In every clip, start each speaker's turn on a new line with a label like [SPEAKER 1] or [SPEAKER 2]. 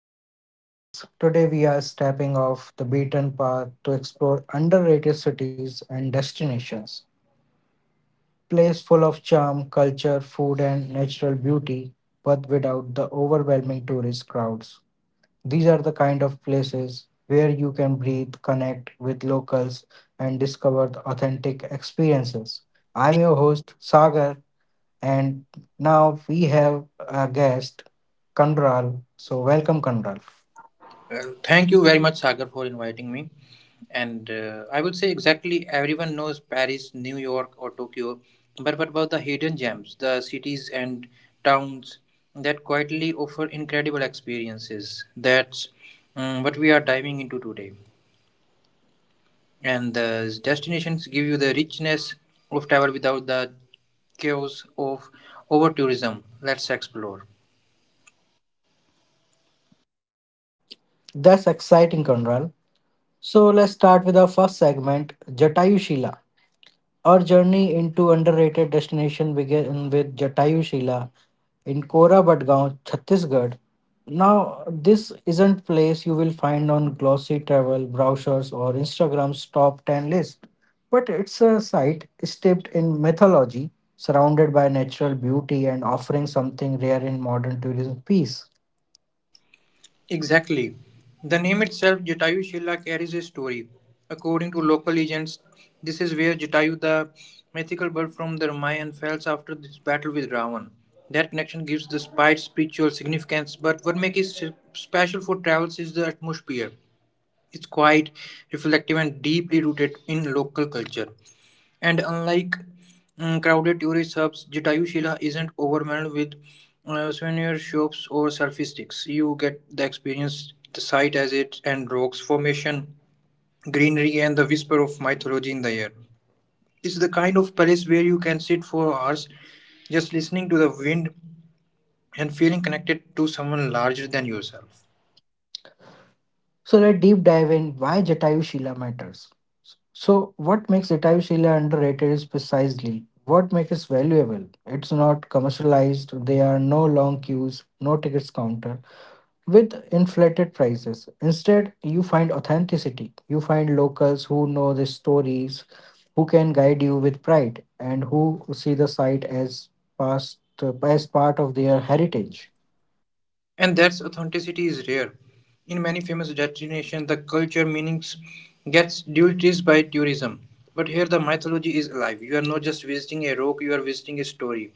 [SPEAKER 1] Welcome to Talk with Wiz. Today we are stepping off the beaten path to explore underrated cities and destinations. Place full of charm, culture, food and natural beauty, but without the overwhelming tourist crowds. These are the kind of places where you can breathe, connect with locals and discover the authentic experiences. I'm your host Sagar and now we have a guest Kandral. So welcome Kandral.
[SPEAKER 2] Well, thank you very much, Sagar, for inviting me. And I would say exactly everyone knows Paris, New York, or Tokyo, but what about the hidden gems, the cities and towns that quietly offer incredible experiences? That's What we are diving into today. And the destinations give you the richness of travel without the chaos of over tourism. Let's explore.
[SPEAKER 1] That's exciting, Conral. So let's start with our first segment, Jatayu Shila. Our journey into underrated destination began with Jatayu Shila in Kora Badgaon, Chhattisgarh. Now, this isn't place you will find on glossy travel brochures or Instagram's top 10 list, but it's a site steeped in mythology, surrounded by natural beauty and offering something rare in modern tourism piece.
[SPEAKER 2] Exactly. The name itself, Jatayu Shila, carries a story. According to local legends, this is where Jatayu, the mythical bird from the Ramayana, falls after this battle with Ravan. That connection gives the spite spiritual significance, but what makes it special for travels is the atmosphere. It's quiet, reflective, and deeply rooted in local culture. And unlike crowded tourist hubs, Jatayushila isn't overwhelmed with souvenir shops or selfie sticks. You get the experience, the sight as it, and rocks formation, greenery, and the whisper of mythology in the air. It's the kind of place where you can sit for hours just listening to the wind and feeling connected to someone larger than yourself.
[SPEAKER 1] So let's deep dive in why Jatayu Shila matters. So what makes Jatayu Shila underrated is precisely what makes it valuable. It's not commercialized, there are no long queues, no tickets counter with inflated prices. Instead, you find authenticity. You find locals who know the stories, who can guide you with pride, and who see the site as past as part of their heritage.
[SPEAKER 2] And that's authenticity is rare. In many famous destinations, the culture meanings gets diluted by tourism. But here the mythology is alive. You are not just visiting a rock, you are visiting a story.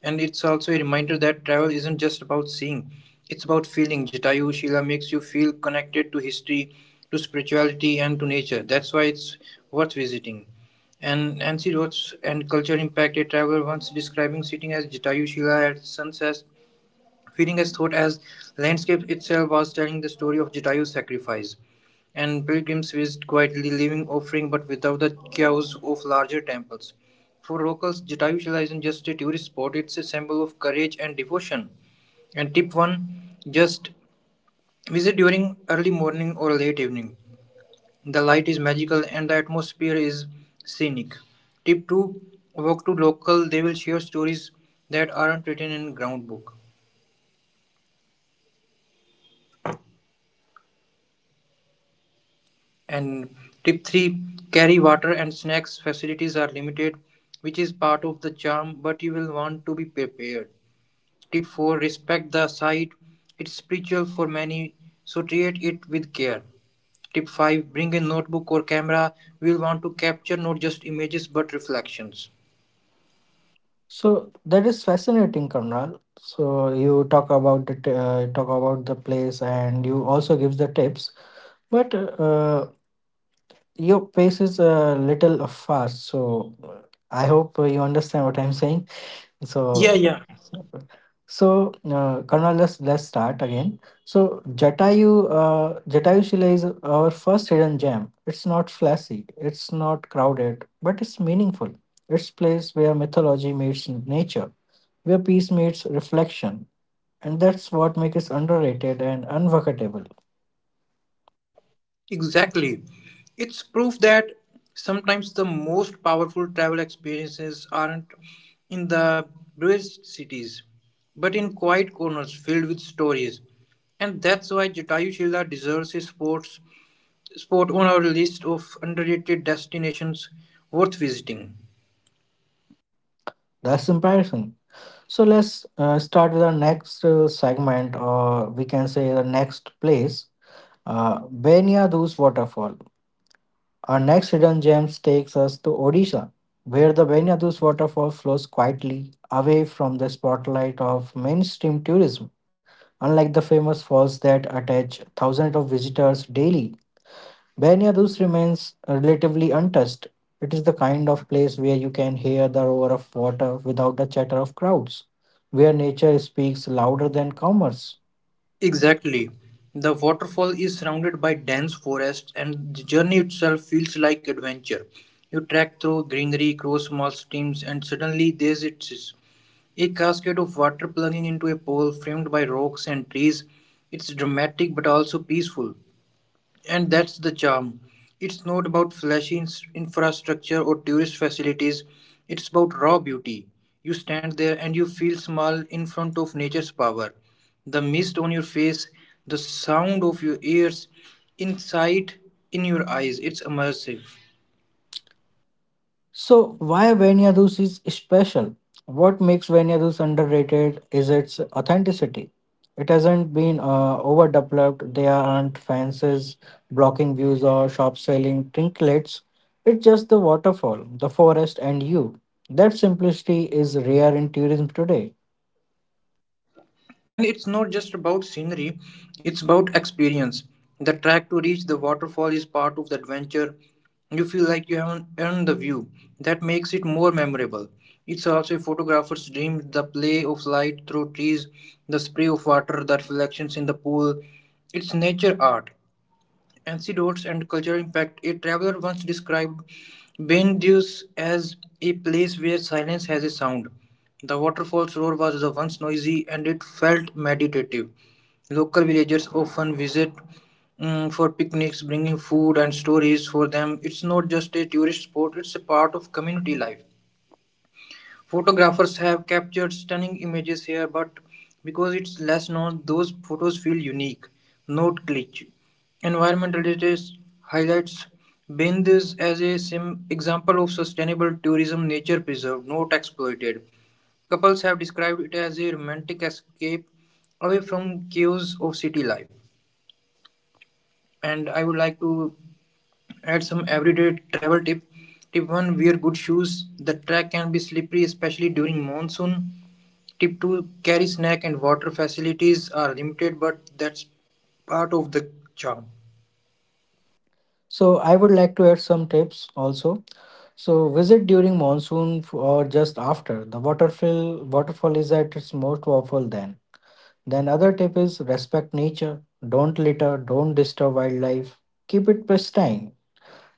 [SPEAKER 2] And it's also a reminder that travel isn't just about seeing, it's about feeling. Jatayu Shila makes you feel connected to history, to spirituality, and to nature. That's why it's worth visiting. And Nancy Rhodes and culture impact a traveler once describing sitting as Jatayu Shila at sunset, feeding as thought as landscape itself was telling the story of Jatayu's sacrifice, and pilgrims visited quietly, leaving offering but without the chaos of larger temples. For locals, Jatayu Shila isn't just a tourist spot, it's a symbol of courage and devotion. And tip 1, just visit during early morning or late evening. The light is magical and the atmosphere is scenic. Tip 2, walk to local, they will share stories that aren't written in ground book. And tip three, carry water and snacks. Facilities are limited, which is part of the charm, but you will want to be prepared. Tip four, respect the site. It's spiritual for many, so treat it with care. Tip five, bring a notebook or camera. We'll want to capture not just images but reflections.
[SPEAKER 1] So that is fascinating, Karnal. So you talk about it, talk about the place, and you also give the tips. But your pace is a little fast, so I hope you understand what I'm saying.
[SPEAKER 2] Yeah,
[SPEAKER 1] So,
[SPEAKER 2] yeah.
[SPEAKER 1] so, so, Karnal, let's start again. So Jatayu, Jatayu Shila is our first hidden gem. It's not flashy, it's not crowded, but it's meaningful. It's place where mythology meets nature where peace meets reflection. And that's what makes it underrated and unforgettable.
[SPEAKER 2] Exactly. It's proof that sometimes the most powerful travel experiences aren't in the bravest cities, but in quiet corners filled with stories. And that's why Jatayu Shila deserves a sports spot on our list of underrated destinations worth visiting.
[SPEAKER 1] That's comparison. So let's start with our next segment, or we can say the next place, Benyadu's waterfall. Our next hidden gems takes us to Odisha, where the Benyadu's waterfall flows quietly away from the spotlight of mainstream tourism. Unlike the famous falls that attach thousands of visitors daily, Banyadus remains relatively untouched. It is the kind of place where you can hear the roar of water without the chatter of crowds, where nature speaks louder than commerce.
[SPEAKER 2] Exactly. The waterfall is surrounded by dense forest, and the journey itself feels like adventure. You trek through greenery, cross small streams, and suddenly there it is, a cascade of water plunging into a pool framed by rocks and trees. It's dramatic but also peaceful. And that's the charm. It's not about flashy infrastructure or tourist facilities, it's about raw beauty. You stand there and you feel small in front of nature's power. The mist on your face, the sound of your ears, insight in your eyes. It's immersive.
[SPEAKER 1] So, why Banyadus is special? What makes Banyadus underrated is its authenticity. It hasn't been overdeveloped, there aren't fences blocking views or shops selling trinkets. It's just the waterfall, the forest, and you. That simplicity is rare in tourism today.
[SPEAKER 2] And it's not just about scenery, it's about experience. The track to reach the waterfall is part of the adventure. You feel like you haven't earned the view. That makes it more memorable. It's also a photographer's dream, the play of light through trees, the spray of water, the reflections in the pool. It's nature art. Anecdotes and cultural impact. A traveler once described Bendius as a place where silence has a sound. The waterfall's roar was the once noisy and it felt meditative. Local villagers often visit, for picnics, bringing food and stories for them. It's not just a tourist spot, it's a part of community life. Photographers have captured stunning images here, but because it's less known, those photos feel unique, not glitch. Environmental data highlights Bindus as a sim example of sustainable tourism, nature preserved, not exploited. Couples have described it as a romantic escape away from chaos of city life. And I would like to add some everyday travel tip. Tip one: wear good shoes. The track can be slippery, especially during monsoon. Tip two: carry snack and water facilities are limited but that's part of the charm.
[SPEAKER 1] So I would like to add some tips also. So visit during or just after. The waterfall is at its most powerful then. Then other tip is respect nature. Don't litter, don't disturb wildlife. Keep it pristine.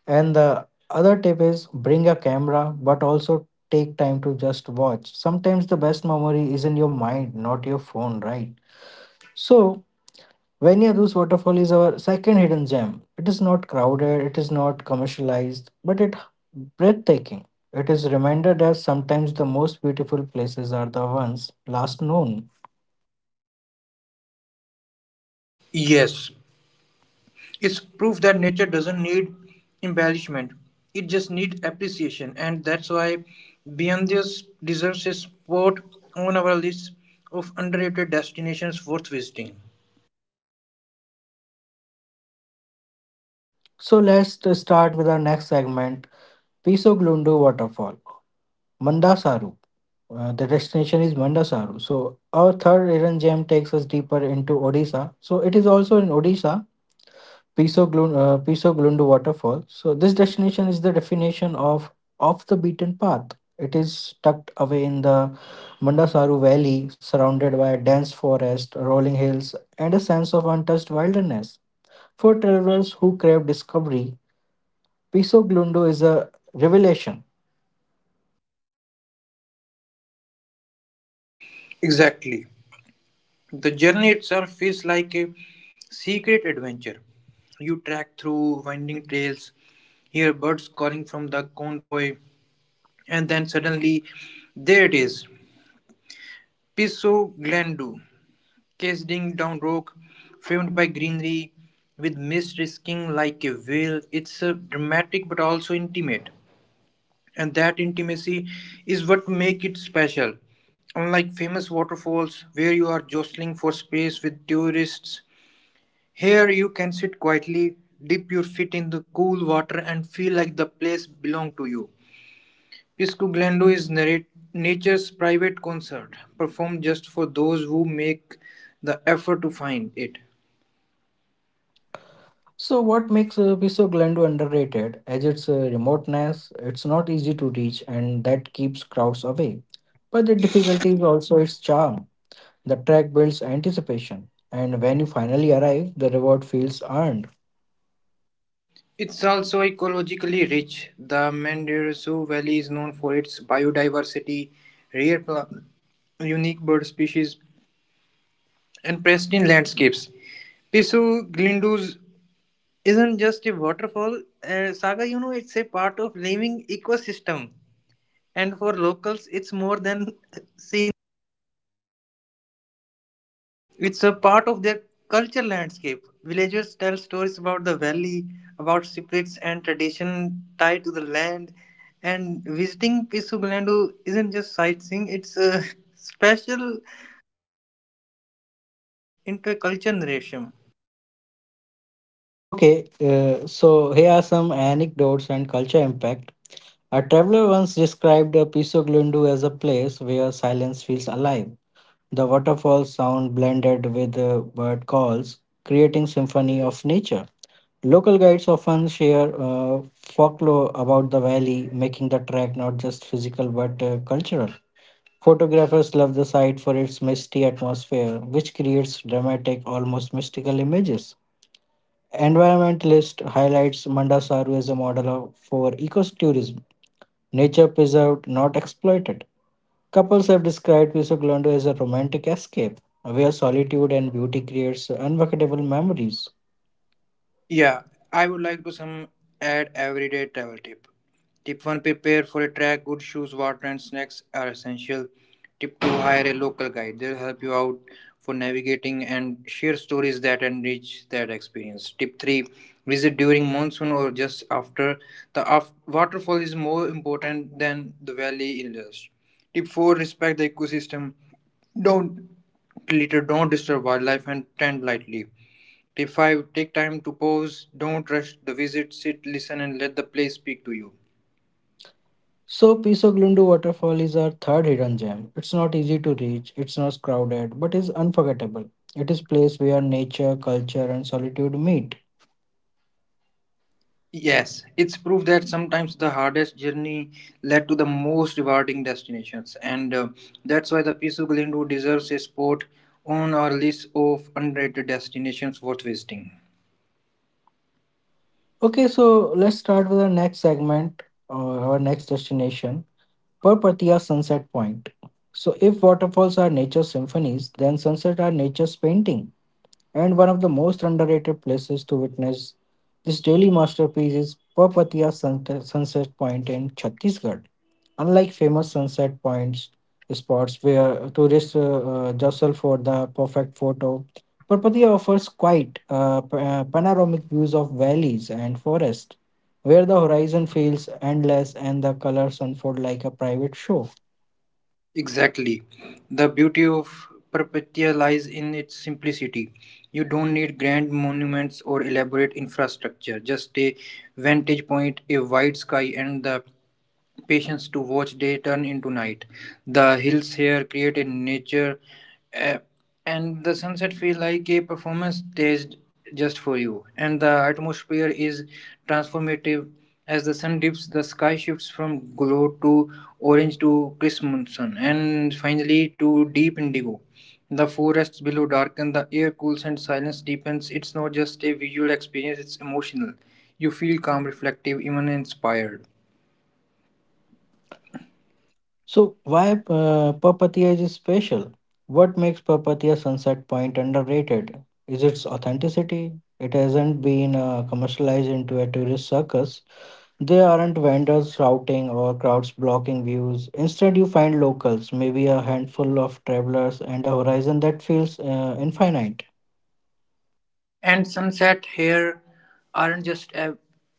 [SPEAKER 1] And the other tip is bring a camera but also take time to just watch. Sometimes the best memory is in your mind, not your phone, right? So Vanyadus waterfall is our second hidden gem. It is not crowded, it is not commercialized, but it breathtaking. It is a reminder that sometimes the most beautiful places are the ones last known.
[SPEAKER 2] Yes, it's proof that nature doesn't need embellishment. It just needs appreciation and that's why Beyond deserves a spot on our list of underrated destinations worth visiting.
[SPEAKER 1] So let's start with our next segment, Piso Glundu Waterfall, Mandasaru. The destination is Mandasaru. So our third hidden gem takes us deeper into Odisha. So it is also in Odisha, Piso Glundu waterfall. So this destination is the definition of off the beaten path. It is tucked away in the Mandasaru Valley, surrounded by a dense forest, rolling hills, and a sense of untouched wilderness. For travelers who crave discovery, Piso Glundu is a revelation.
[SPEAKER 2] Exactly. The journey itself feels like a secret adventure. You trek through winding trails, hear birds calling from the convoy, and then suddenly, there it is. Piso Glandu, casing down rock, framed by greenery, with mist risking like a veil. It's dramatic but also intimate. And that intimacy is what makes it special. Unlike famous waterfalls where you are jostling for space with tourists, here you can sit quietly, dip your feet in the cool water and feel like the place belongs to you. Piscoglando is nature's private concert, performed just for those who make the effort to find it.
[SPEAKER 1] So, what makes Piso Glundu underrated? As its remoteness, it's not easy to reach, and that keeps crowds away. But the difficulty is also its charm. The track builds anticipation, and when you finally arrive, the reward feels earned.
[SPEAKER 2] It's also ecologically rich. The Mendocino Valley is known for its biodiversity, rare plants, unique bird species, and pristine landscapes. Pisu Glindus isn't just a waterfall. Saga, you know, it's a part of living ecosystem. And for locals, it's more than scenery. It's a part of their culture landscape. Villagers tell stories about the valley, about spirits and tradition tied to the land. And visiting Pisugalandu isn't just sightseeing, it's a special into a culture narration.
[SPEAKER 1] Okay, so here are some anecdotes and culture impact. A traveler once described Piso Glundu as a place where silence feels alive. The waterfall sound blended with bird calls, creating symphony of nature. Local guides often share folklore about the valley, making the track not just physical but cultural. Photographers love the site for its misty atmosphere, which creates dramatic, almost mystical images. Environmentalist highlights Mandasaru as a model of, for ecotourism, nature preserved, not exploited. Couples have described Visoglando as a romantic escape, where solitude and beauty creates unforgettable memories.
[SPEAKER 2] Yeah, I would like to some add everyday travel tip. Tip one: prepare for a trek. Good shoes, water, and snacks are essential. Tip two: hire a local guide. They'll help you out for navigating and share stories that enrich that experience. Tip three: visit during monsoon or just after. The waterfall is more important than the valley in Lush. Tip four: respect the ecosystem. Don't litter. Don't disturb wildlife and tend lightly. Tip 5, take time to pause, don't rush the visit, sit, listen, and let the place speak to you.
[SPEAKER 1] So, Piso Waterfall is our third hidden gem. It's not easy to reach, it's not crowded, but is unforgettable. It is place where nature, culture, and solitude meet.
[SPEAKER 2] Yes, it's proof that sometimes the hardest journey led to the most rewarding destinations, and that's why the Pisu Glindu deserves a spot on our list of underrated destinations worth visiting.
[SPEAKER 1] Okay, so let's start with our next segment, or our next destination, Perpatia Sunset Point. So, if waterfalls are nature's symphonies, then sunsets are nature's painting. And one of the most underrated places to witness this daily masterpiece is Sunset Point in Chhattisgarh. Unlike famous sunset points spots where tourists jostle for the perfect photo, Papatiya offers quite panoramic views of valleys and forests, where the horizon feels endless and the colors unfold like a private show.
[SPEAKER 2] Exactly. The beauty of Perpetua lies in its simplicity. You don't need grand monuments or elaborate infrastructure, just a vantage point, a wide sky, and the patience to watch day turn into night. The hills here create in nature, eh, and the sunset feel like a performance staged just for you. And the atmosphere is transformative. As the sun dips, the sky shifts from glow to orange to crimson, and finally to deep indigo. The forests below darken, the air cools, and silence deepens. It's not just a visual experience; it's emotional. You feel calm, reflective, even inspired.
[SPEAKER 1] So, why Papatia is special? What makes Papatia Sunset Point underrated? Is its authenticity? It hasn't been commercialized into a tourist circus. There aren't vendors shouting or crowds blocking views. Instead, you find locals, maybe a handful of travelers, and a horizon that feels infinite.
[SPEAKER 2] And sunset here aren't just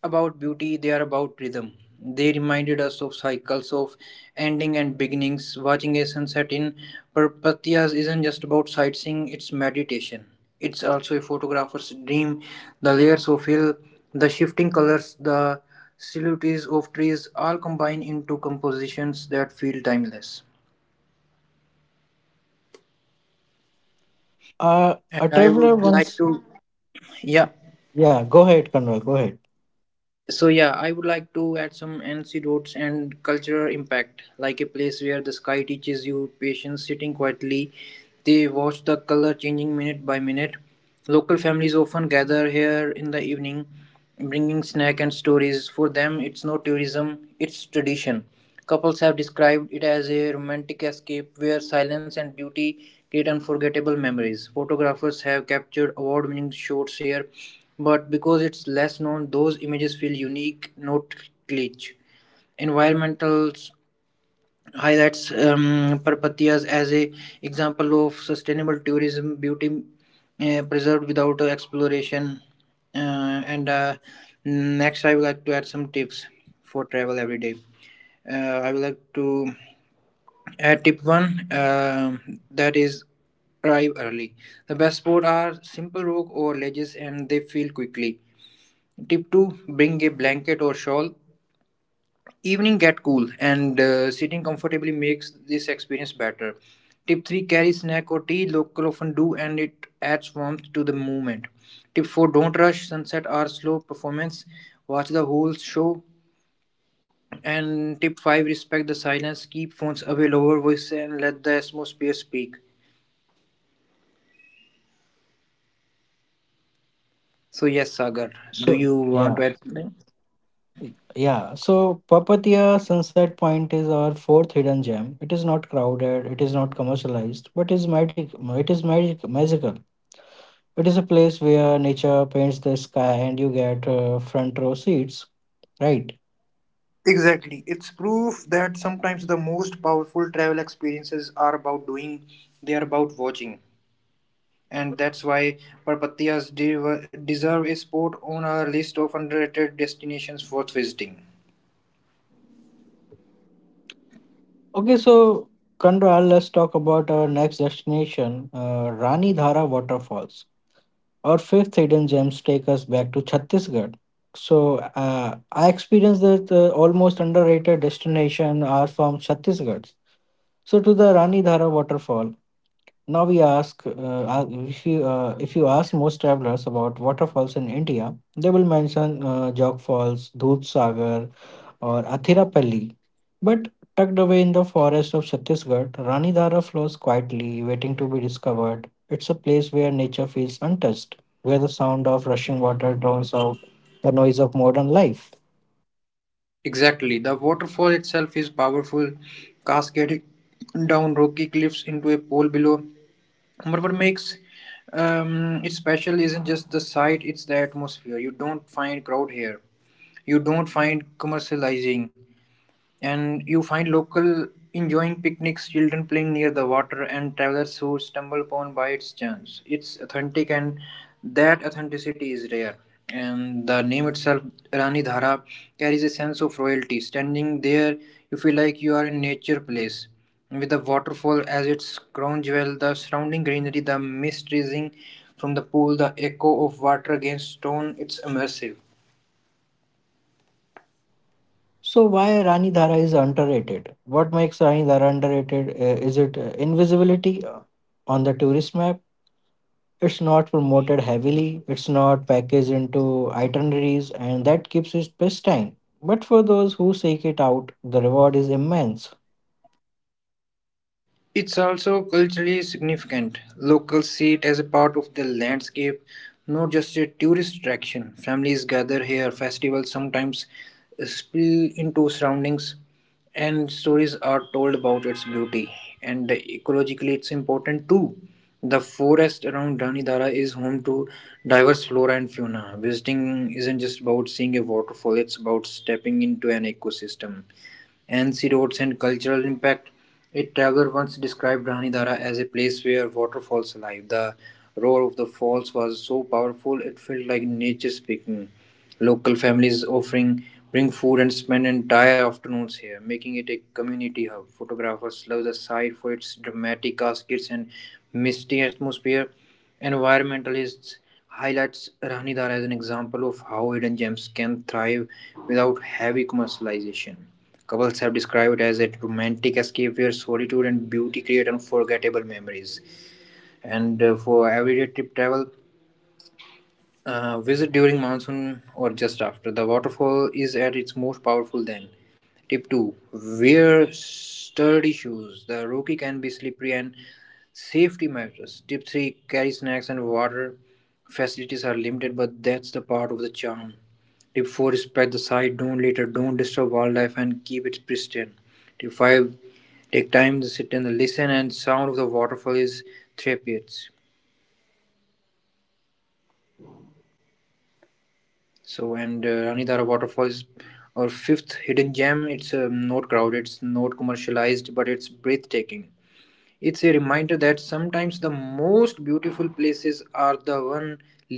[SPEAKER 2] about beauty, they are about rhythm. They reminded us of cycles of ending and beginnings. Watching a sunset in Parpatias isn't just about sightseeing, it's meditation. It's also a photographer's dream. The layers of hill, the shifting colors, the silhouettes of trees all combine into compositions that feel timeless.
[SPEAKER 1] Uh,
[SPEAKER 2] And
[SPEAKER 1] a
[SPEAKER 2] I
[SPEAKER 1] traveler
[SPEAKER 2] would like
[SPEAKER 1] once.
[SPEAKER 2] to, yeah.
[SPEAKER 1] Yeah, go ahead, Conrad, go ahead.
[SPEAKER 2] So yeah, I would like to add some anecdotes and cultural impact, like a place where the sky teaches you patience, sitting quietly. They watch the color changing minute by minute. Local families often gather here in the evening, bringing snack and stories. For them, it's no tourism, it's tradition. Couples have described it as a romantic escape where silence and beauty create unforgettable memories. Photographers have captured award-winning shots here but because it's less known, those images feel unique, not glitch. Environmental highlights Parpatias as a example of sustainable tourism, beauty preserved without exploration. Uh, and Next, I would like to add some tips for travel every day. I would like to add tip one that is arrive early. The best spot are simple rock or ledges and they fill quickly. Tip 2, bring a blanket or shawl. Evening get cool and sitting comfortably makes this experience better. Tip 3, carry snack or tea. Local often do and it adds warmth to the moment. Tip 4, don't rush. Sunset or slow performance. Watch the whole show. And tip 5, respect the silence. Keep phones away, lower voice, and let the atmosphere speak. So, yes, Sagar, do
[SPEAKER 1] So,
[SPEAKER 2] you want to
[SPEAKER 1] yeah.
[SPEAKER 2] add something?
[SPEAKER 1] Yeah, so Papatia Sunset Point is our fourth hidden gem. It is not crowded, it is not commercialized, but it is magical. It is a place where nature paints the sky and you get front row seats, right?
[SPEAKER 2] Exactly. It's proof that sometimes the most powerful travel experiences are about doing, they are about watching. And that's why Parpatiyas deserve a spot on our list of underrated destinations worth visiting.
[SPEAKER 1] Okay, so Kandral, let's talk about our next destination, Rani Dhara Waterfalls. Our fifth hidden gems take us back to Chhattisgarh. So I experienced that almost underrated destination are from Chhattisgarh. So to the Rani Dhara waterfall. Now we ask if you ask most travelers about waterfalls in India, they will mention Jog Falls, Dudh Sagar, or Athirapalli. But tucked away in the forest of Chhattisgarh, Rani Dara flows quietly, waiting to be discovered. It's a place where nature feels untouched, where the sound of rushing water drowns out the noise of modern life.
[SPEAKER 2] Exactly. The waterfall itself is powerful, cascading down rocky cliffs into a pool below. But what makes it special isn't just the sight, it's the atmosphere. You don't find crowd here, you don't find commercializing. And you find local enjoying picnics, children playing near the water, and travelers who stumble upon by its chance. It's authentic, and that authenticity is rare. And the name itself, Rani Dhara, carries a sense of royalty. Standing there, you feel like you are in nature place. With the waterfall as its crown jewel, the surrounding greenery, the mist rising from the pool, the echo of water against stone, it's immersive.
[SPEAKER 1] So, why Rani Dara is underrated? What makes Rani Dara underrated? Is it invisibility on the tourist map? It's not promoted heavily, it's not packaged into itineraries, and that keeps it pristine. But for those who seek it out, the reward is immense.
[SPEAKER 2] It's also culturally significant. Locals see it as a part of the landscape, not just a tourist attraction. Families gather here, festivals sometimes spill into surroundings, and stories are told about its beauty. And ecologically, it's important too. The forest around Ranidara is home to diverse flora and fauna. Visiting isn't just about seeing a waterfall, it's about stepping into an ecosystem. Ansi roads and cultural impact. A traveler once described Ranidara as a place where water falls alive. The roar of the falls was so powerful it felt like nature speaking. Local families offering bring food and spend entire afternoons here, making it a community hub. Photographers love the site for its dramatic cascades and misty atmosphere. Environmentalists highlights Ranidara as an example of how hidden gems can thrive without heavy commercialization. Couples have described it as a romantic escape where solitude and beauty create unforgettable memories. And for everyday trip travel, visit during monsoon or just after. The waterfall is at its most powerful then. Tip 2, wear sturdy shoes. The rocky can be slippery and safety matters. Tip 3, carry snacks and water. Facilities are limited, but that's the part of the charm. Tip 4, respect the site, don't litter, don't disturb wildlife, and keep it pristine. Tip 5, take time to sit and listen and sound of the waterfall is therapeutic. So and ranidara waterfall is our fifth hidden gem. It's not crowded, it's not commercialized, but it's breathtaking. It's a reminder that sometimes the most beautiful places are the one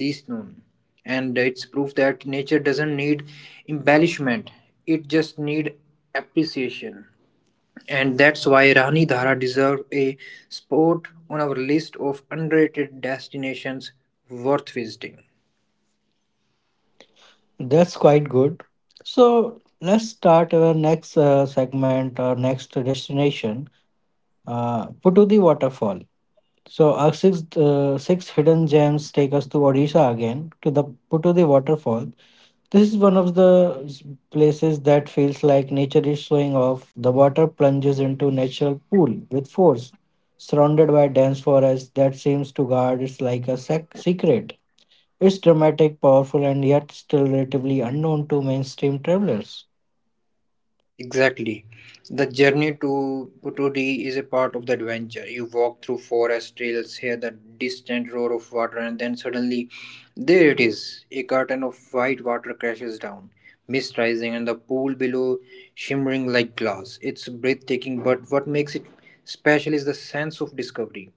[SPEAKER 2] least known, and it's proof that nature doesn't need embellishment, it just need appreciation. And that's why Rani Dhara deserves a spot on our list of underrated destinations worth visiting.
[SPEAKER 1] That's quite good. So let's start our next segment or next destination, Putudi Waterfall. So our six hidden gems take us to Odisha again to the Putudi Waterfall. This is one of the places that feels like nature is showing off. The water plunges into natural pool with force, surrounded by dense forest that seems to guard it's like a secret. It's dramatic, powerful, and yet still relatively unknown to mainstream travelers.
[SPEAKER 2] Exactly. The journey to Potodi is a part of the adventure. You walk through forest trails, hear the distant roar of water, and then suddenly there it is. A curtain of white water crashes down, mist rising, and the pool below shimmering like glass. It's breathtaking, but what makes it special is the sense of discovery.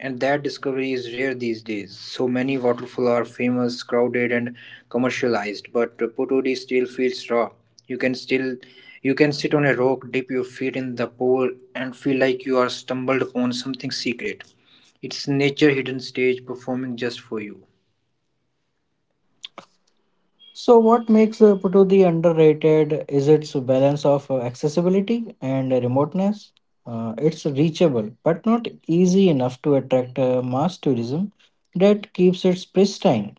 [SPEAKER 2] And that discovery is rare these days. So many waterfalls are famous, crowded, and commercialized, but Potodi still feels raw. You can still you can sit on a rock, dip your feet in the pool, and feel like you are stumbled upon something secret. It's nature hidden stage performing just for you.
[SPEAKER 1] So, what makes Putudi underrated is its balance of accessibility and remoteness. It's reachable, but not easy enough to attract mass tourism that keeps it pristine.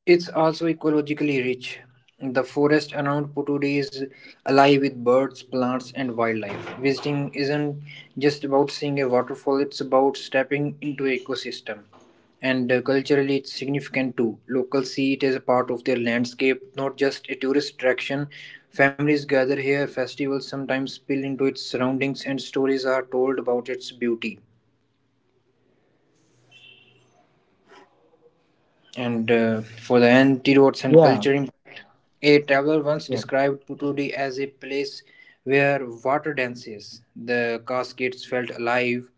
[SPEAKER 2] It's also ecologically rich. The forest around Puturi is alive with birds, plants, and wildlife. Visiting isn't just about seeing a waterfall, it's about stepping into an ecosystem. And culturally, it's significant too. Locals see it as a part of their landscape, not just a tourist attraction. Families gather here, festivals sometimes spill into its surroundings, and stories are told about its beauty. And for the antidotes and
[SPEAKER 1] Yeah,
[SPEAKER 2] culture. A traveler once
[SPEAKER 1] yeah.
[SPEAKER 2] described Putudi as a place where water dances. The cascades felt alive,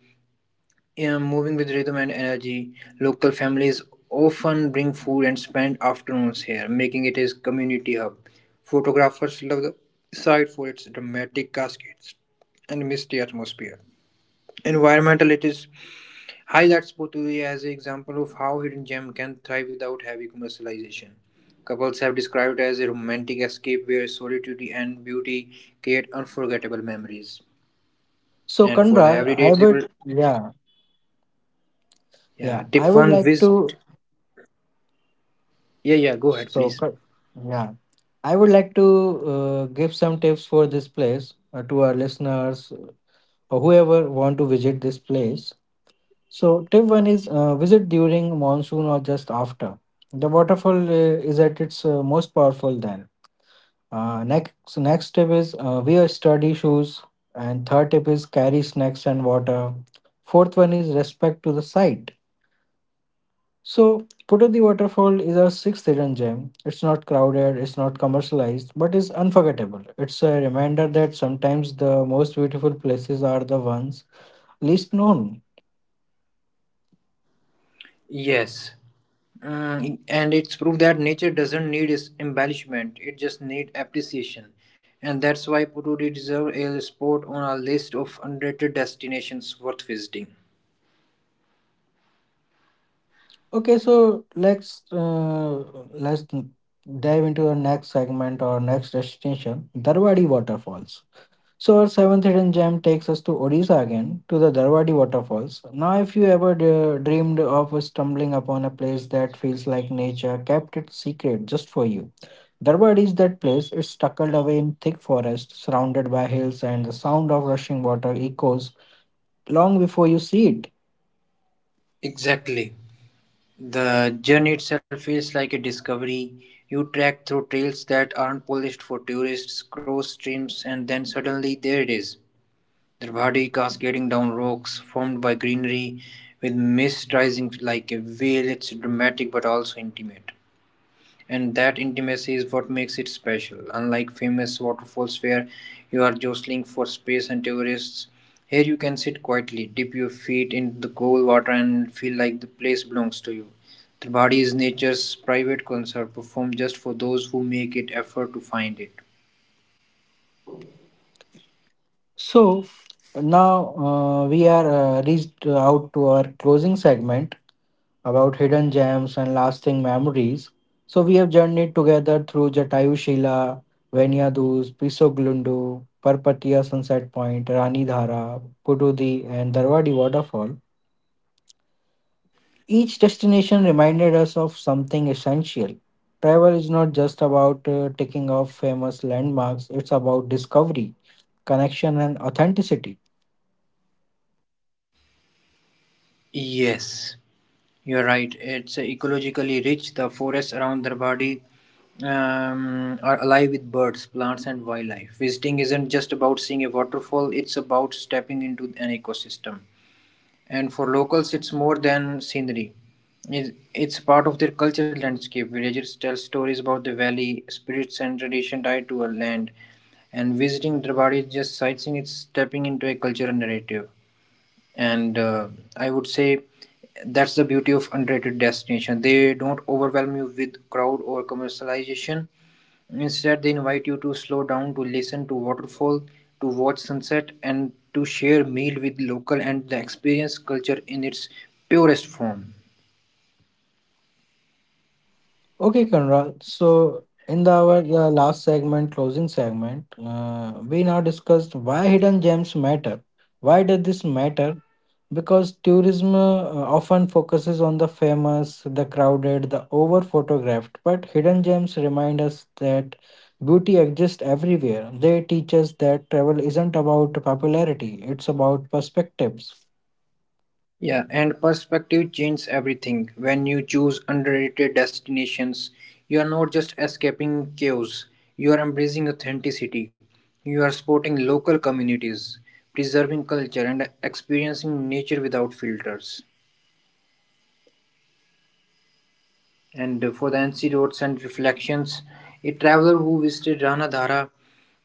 [SPEAKER 2] moving with rhythm and energy. Local families often bring food and spend afternoons here, making it a community hub. Photographers love the site for its dramatic cascades and misty atmosphere. Environmental it is highlights Poturi as an example of how hidden gem can thrive without heavy commercialization. Couples have described it as a romantic escape where solitude and beauty create unforgettable memories.
[SPEAKER 1] So
[SPEAKER 2] And for the
[SPEAKER 1] Kanral,
[SPEAKER 2] everyday
[SPEAKER 1] I would,
[SPEAKER 2] travel,
[SPEAKER 1] yeah,
[SPEAKER 2] yeah,
[SPEAKER 1] yeah. I
[SPEAKER 2] tip
[SPEAKER 1] would
[SPEAKER 2] one
[SPEAKER 1] like to,
[SPEAKER 2] visit. Yeah, yeah, go ahead,
[SPEAKER 1] so,
[SPEAKER 2] please.
[SPEAKER 1] Ka- yeah, I would like to give some tips for this place to our listeners or whoever want to visit this place. So tip one is visit during monsoon or just after. The waterfall is at its most powerful then. So next tip is wear sturdy shoes, and third tip is carry snacks and water. Fourth one is respect to the site. So, Putodi Waterfall is a sixth hidden gem. It's not crowded, it's not commercialized, but it's unforgettable. It's a reminder that sometimes the most beautiful places are the ones least known.
[SPEAKER 2] Yes. Mm, and it's proof that nature doesn't need its embellishment, it just needs appreciation. And that's why Poturi deserves a spot on our list of underrated destinations worth visiting.
[SPEAKER 1] Okay, so let's dive into our next segment or next destination, Darwadi Waterfalls. So our seventh hidden gem takes us to Odisha again, to the Darwadi waterfalls. Now, if you ever dreamed of stumbling upon a place that feels like nature kept it secret just for you, Darwadi is that place. It's tucked away in thick forest, surrounded by hills, and the sound of rushing water echoes long before you see it.
[SPEAKER 2] Exactly. The journey itself feels like a discovery. You trek through trails that aren't polished for tourists, cross streams, and then suddenly there it is. The body cascading down rocks formed by greenery, with mist rising like a veil. It's dramatic but also intimate. And that intimacy is what makes it special. Unlike famous waterfalls where you are jostling for space and tourists, here you can sit quietly, dip your feet in the cold water, and feel like the place belongs to you. The body is nature's private concert performed just for those who make it effort to find it.
[SPEAKER 1] So now we are reached out to our closing segment about hidden gems and lasting memories. So we have journeyed together through Jatayu Shila, Venyadus, Pisoglundo, Parpatia Sunset Point, Rani Dhara, Pududi, and Darwadi Waterfall. Each destination reminded us of something essential. Travel is not just about ticking off famous landmarks, it's about discovery, connection, and authenticity.
[SPEAKER 2] Yes, you're right. It's ecologically rich. The forests around Darbadi are alive with birds, plants, and wildlife. Visiting isn't just about seeing a waterfall, it's about stepping into an ecosystem. And for locals, it's more than scenery. It's part of their cultural landscape. Villagers tell stories about the valley, spirits, and tradition tied to a land. And visiting Darbadi is just sightseeing, it's stepping into a cultural narrative. And I would say that's the beauty of underrated destination. They don't overwhelm you with crowd or commercialization. Instead, they invite you to slow down, to listen to waterfall, to watch sunset, and to share meal with local and the experience culture in its purest form.
[SPEAKER 1] Okay, Conrad. So, our last segment, closing segment, we now discussed why hidden gems matter. Why does this matter? Because tourism often focuses on the famous, the crowded, the over photographed, but hidden gems remind us that beauty exists everywhere. They teach us that travel isn't about popularity, it's about perspectives.
[SPEAKER 2] Yeah, and perspective changes everything. When you choose underrated destinations, you are not just escaping chaos, you are embracing authenticity. You are supporting local communities, preserving culture, and experiencing nature without filters. And for the NC roads and reflections, a traveler who visited Ranadhara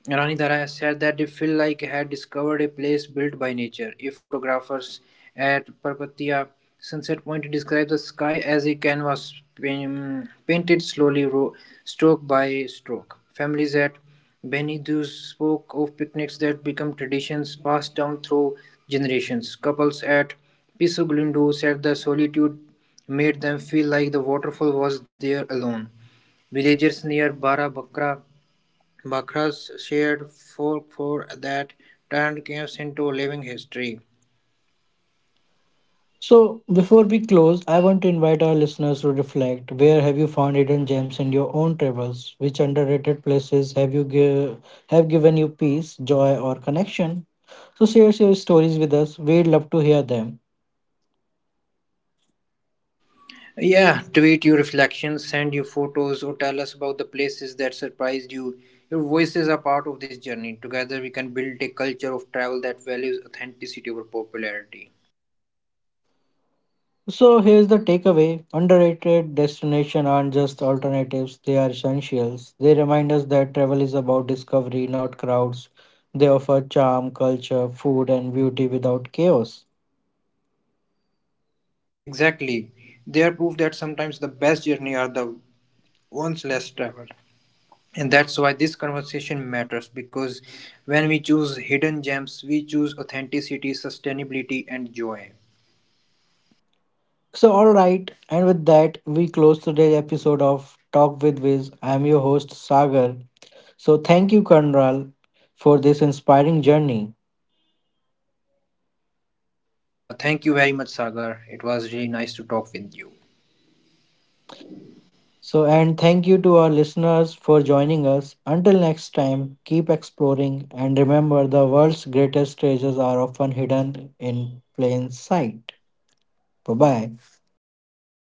[SPEAKER 2] Rani Dara said that they feel like had discovered a place built by nature. A photographer at Parpatia Sunset Point described the sky as a canvas painted slowly, stroke by stroke. Families at Benidou spoke of picnics that become traditions passed down through generations. Couples at Piso Glundo said the solitude made them feel like the waterfall was there alone. Villagers near Bara Bakra's shared folklore that turned caves into living history.
[SPEAKER 1] So, before we close, I want to invite our listeners to reflect. Where have you found hidden gems in your own travels? Which underrated places have given you peace, joy, or connection? So, share your stories with us. We'd love to hear them.
[SPEAKER 2] Yeah, tweet your reflections, send your photos, or tell us about the places that surprised you. Your voices are part of this journey. Together, we can build a culture of travel that values authenticity over popularity.
[SPEAKER 1] So, here's the takeaway: underrated destinations aren't just alternatives; they are essentials. They remind us that travel is about discovery, not crowds. They offer charm, culture, food, and beauty without chaos.
[SPEAKER 2] Exactly. They are proof that sometimes the best journey are the ones less traveled. And that's why this conversation matters, because when we choose hidden gems, we choose authenticity, sustainability, and joy.
[SPEAKER 1] So, all right, and with that, we close today's episode of Talk with Viz. I am your host, Sagar. So, thank you, Kanral, for this inspiring journey.
[SPEAKER 2] Yeah, thank you very much, Sagar. It was really nice to talk with you.
[SPEAKER 1] So, and thank you to our listeners for joining us. Until next time, keep exploring and remember the world's greatest treasures are often hidden in plain sight. Bye bye.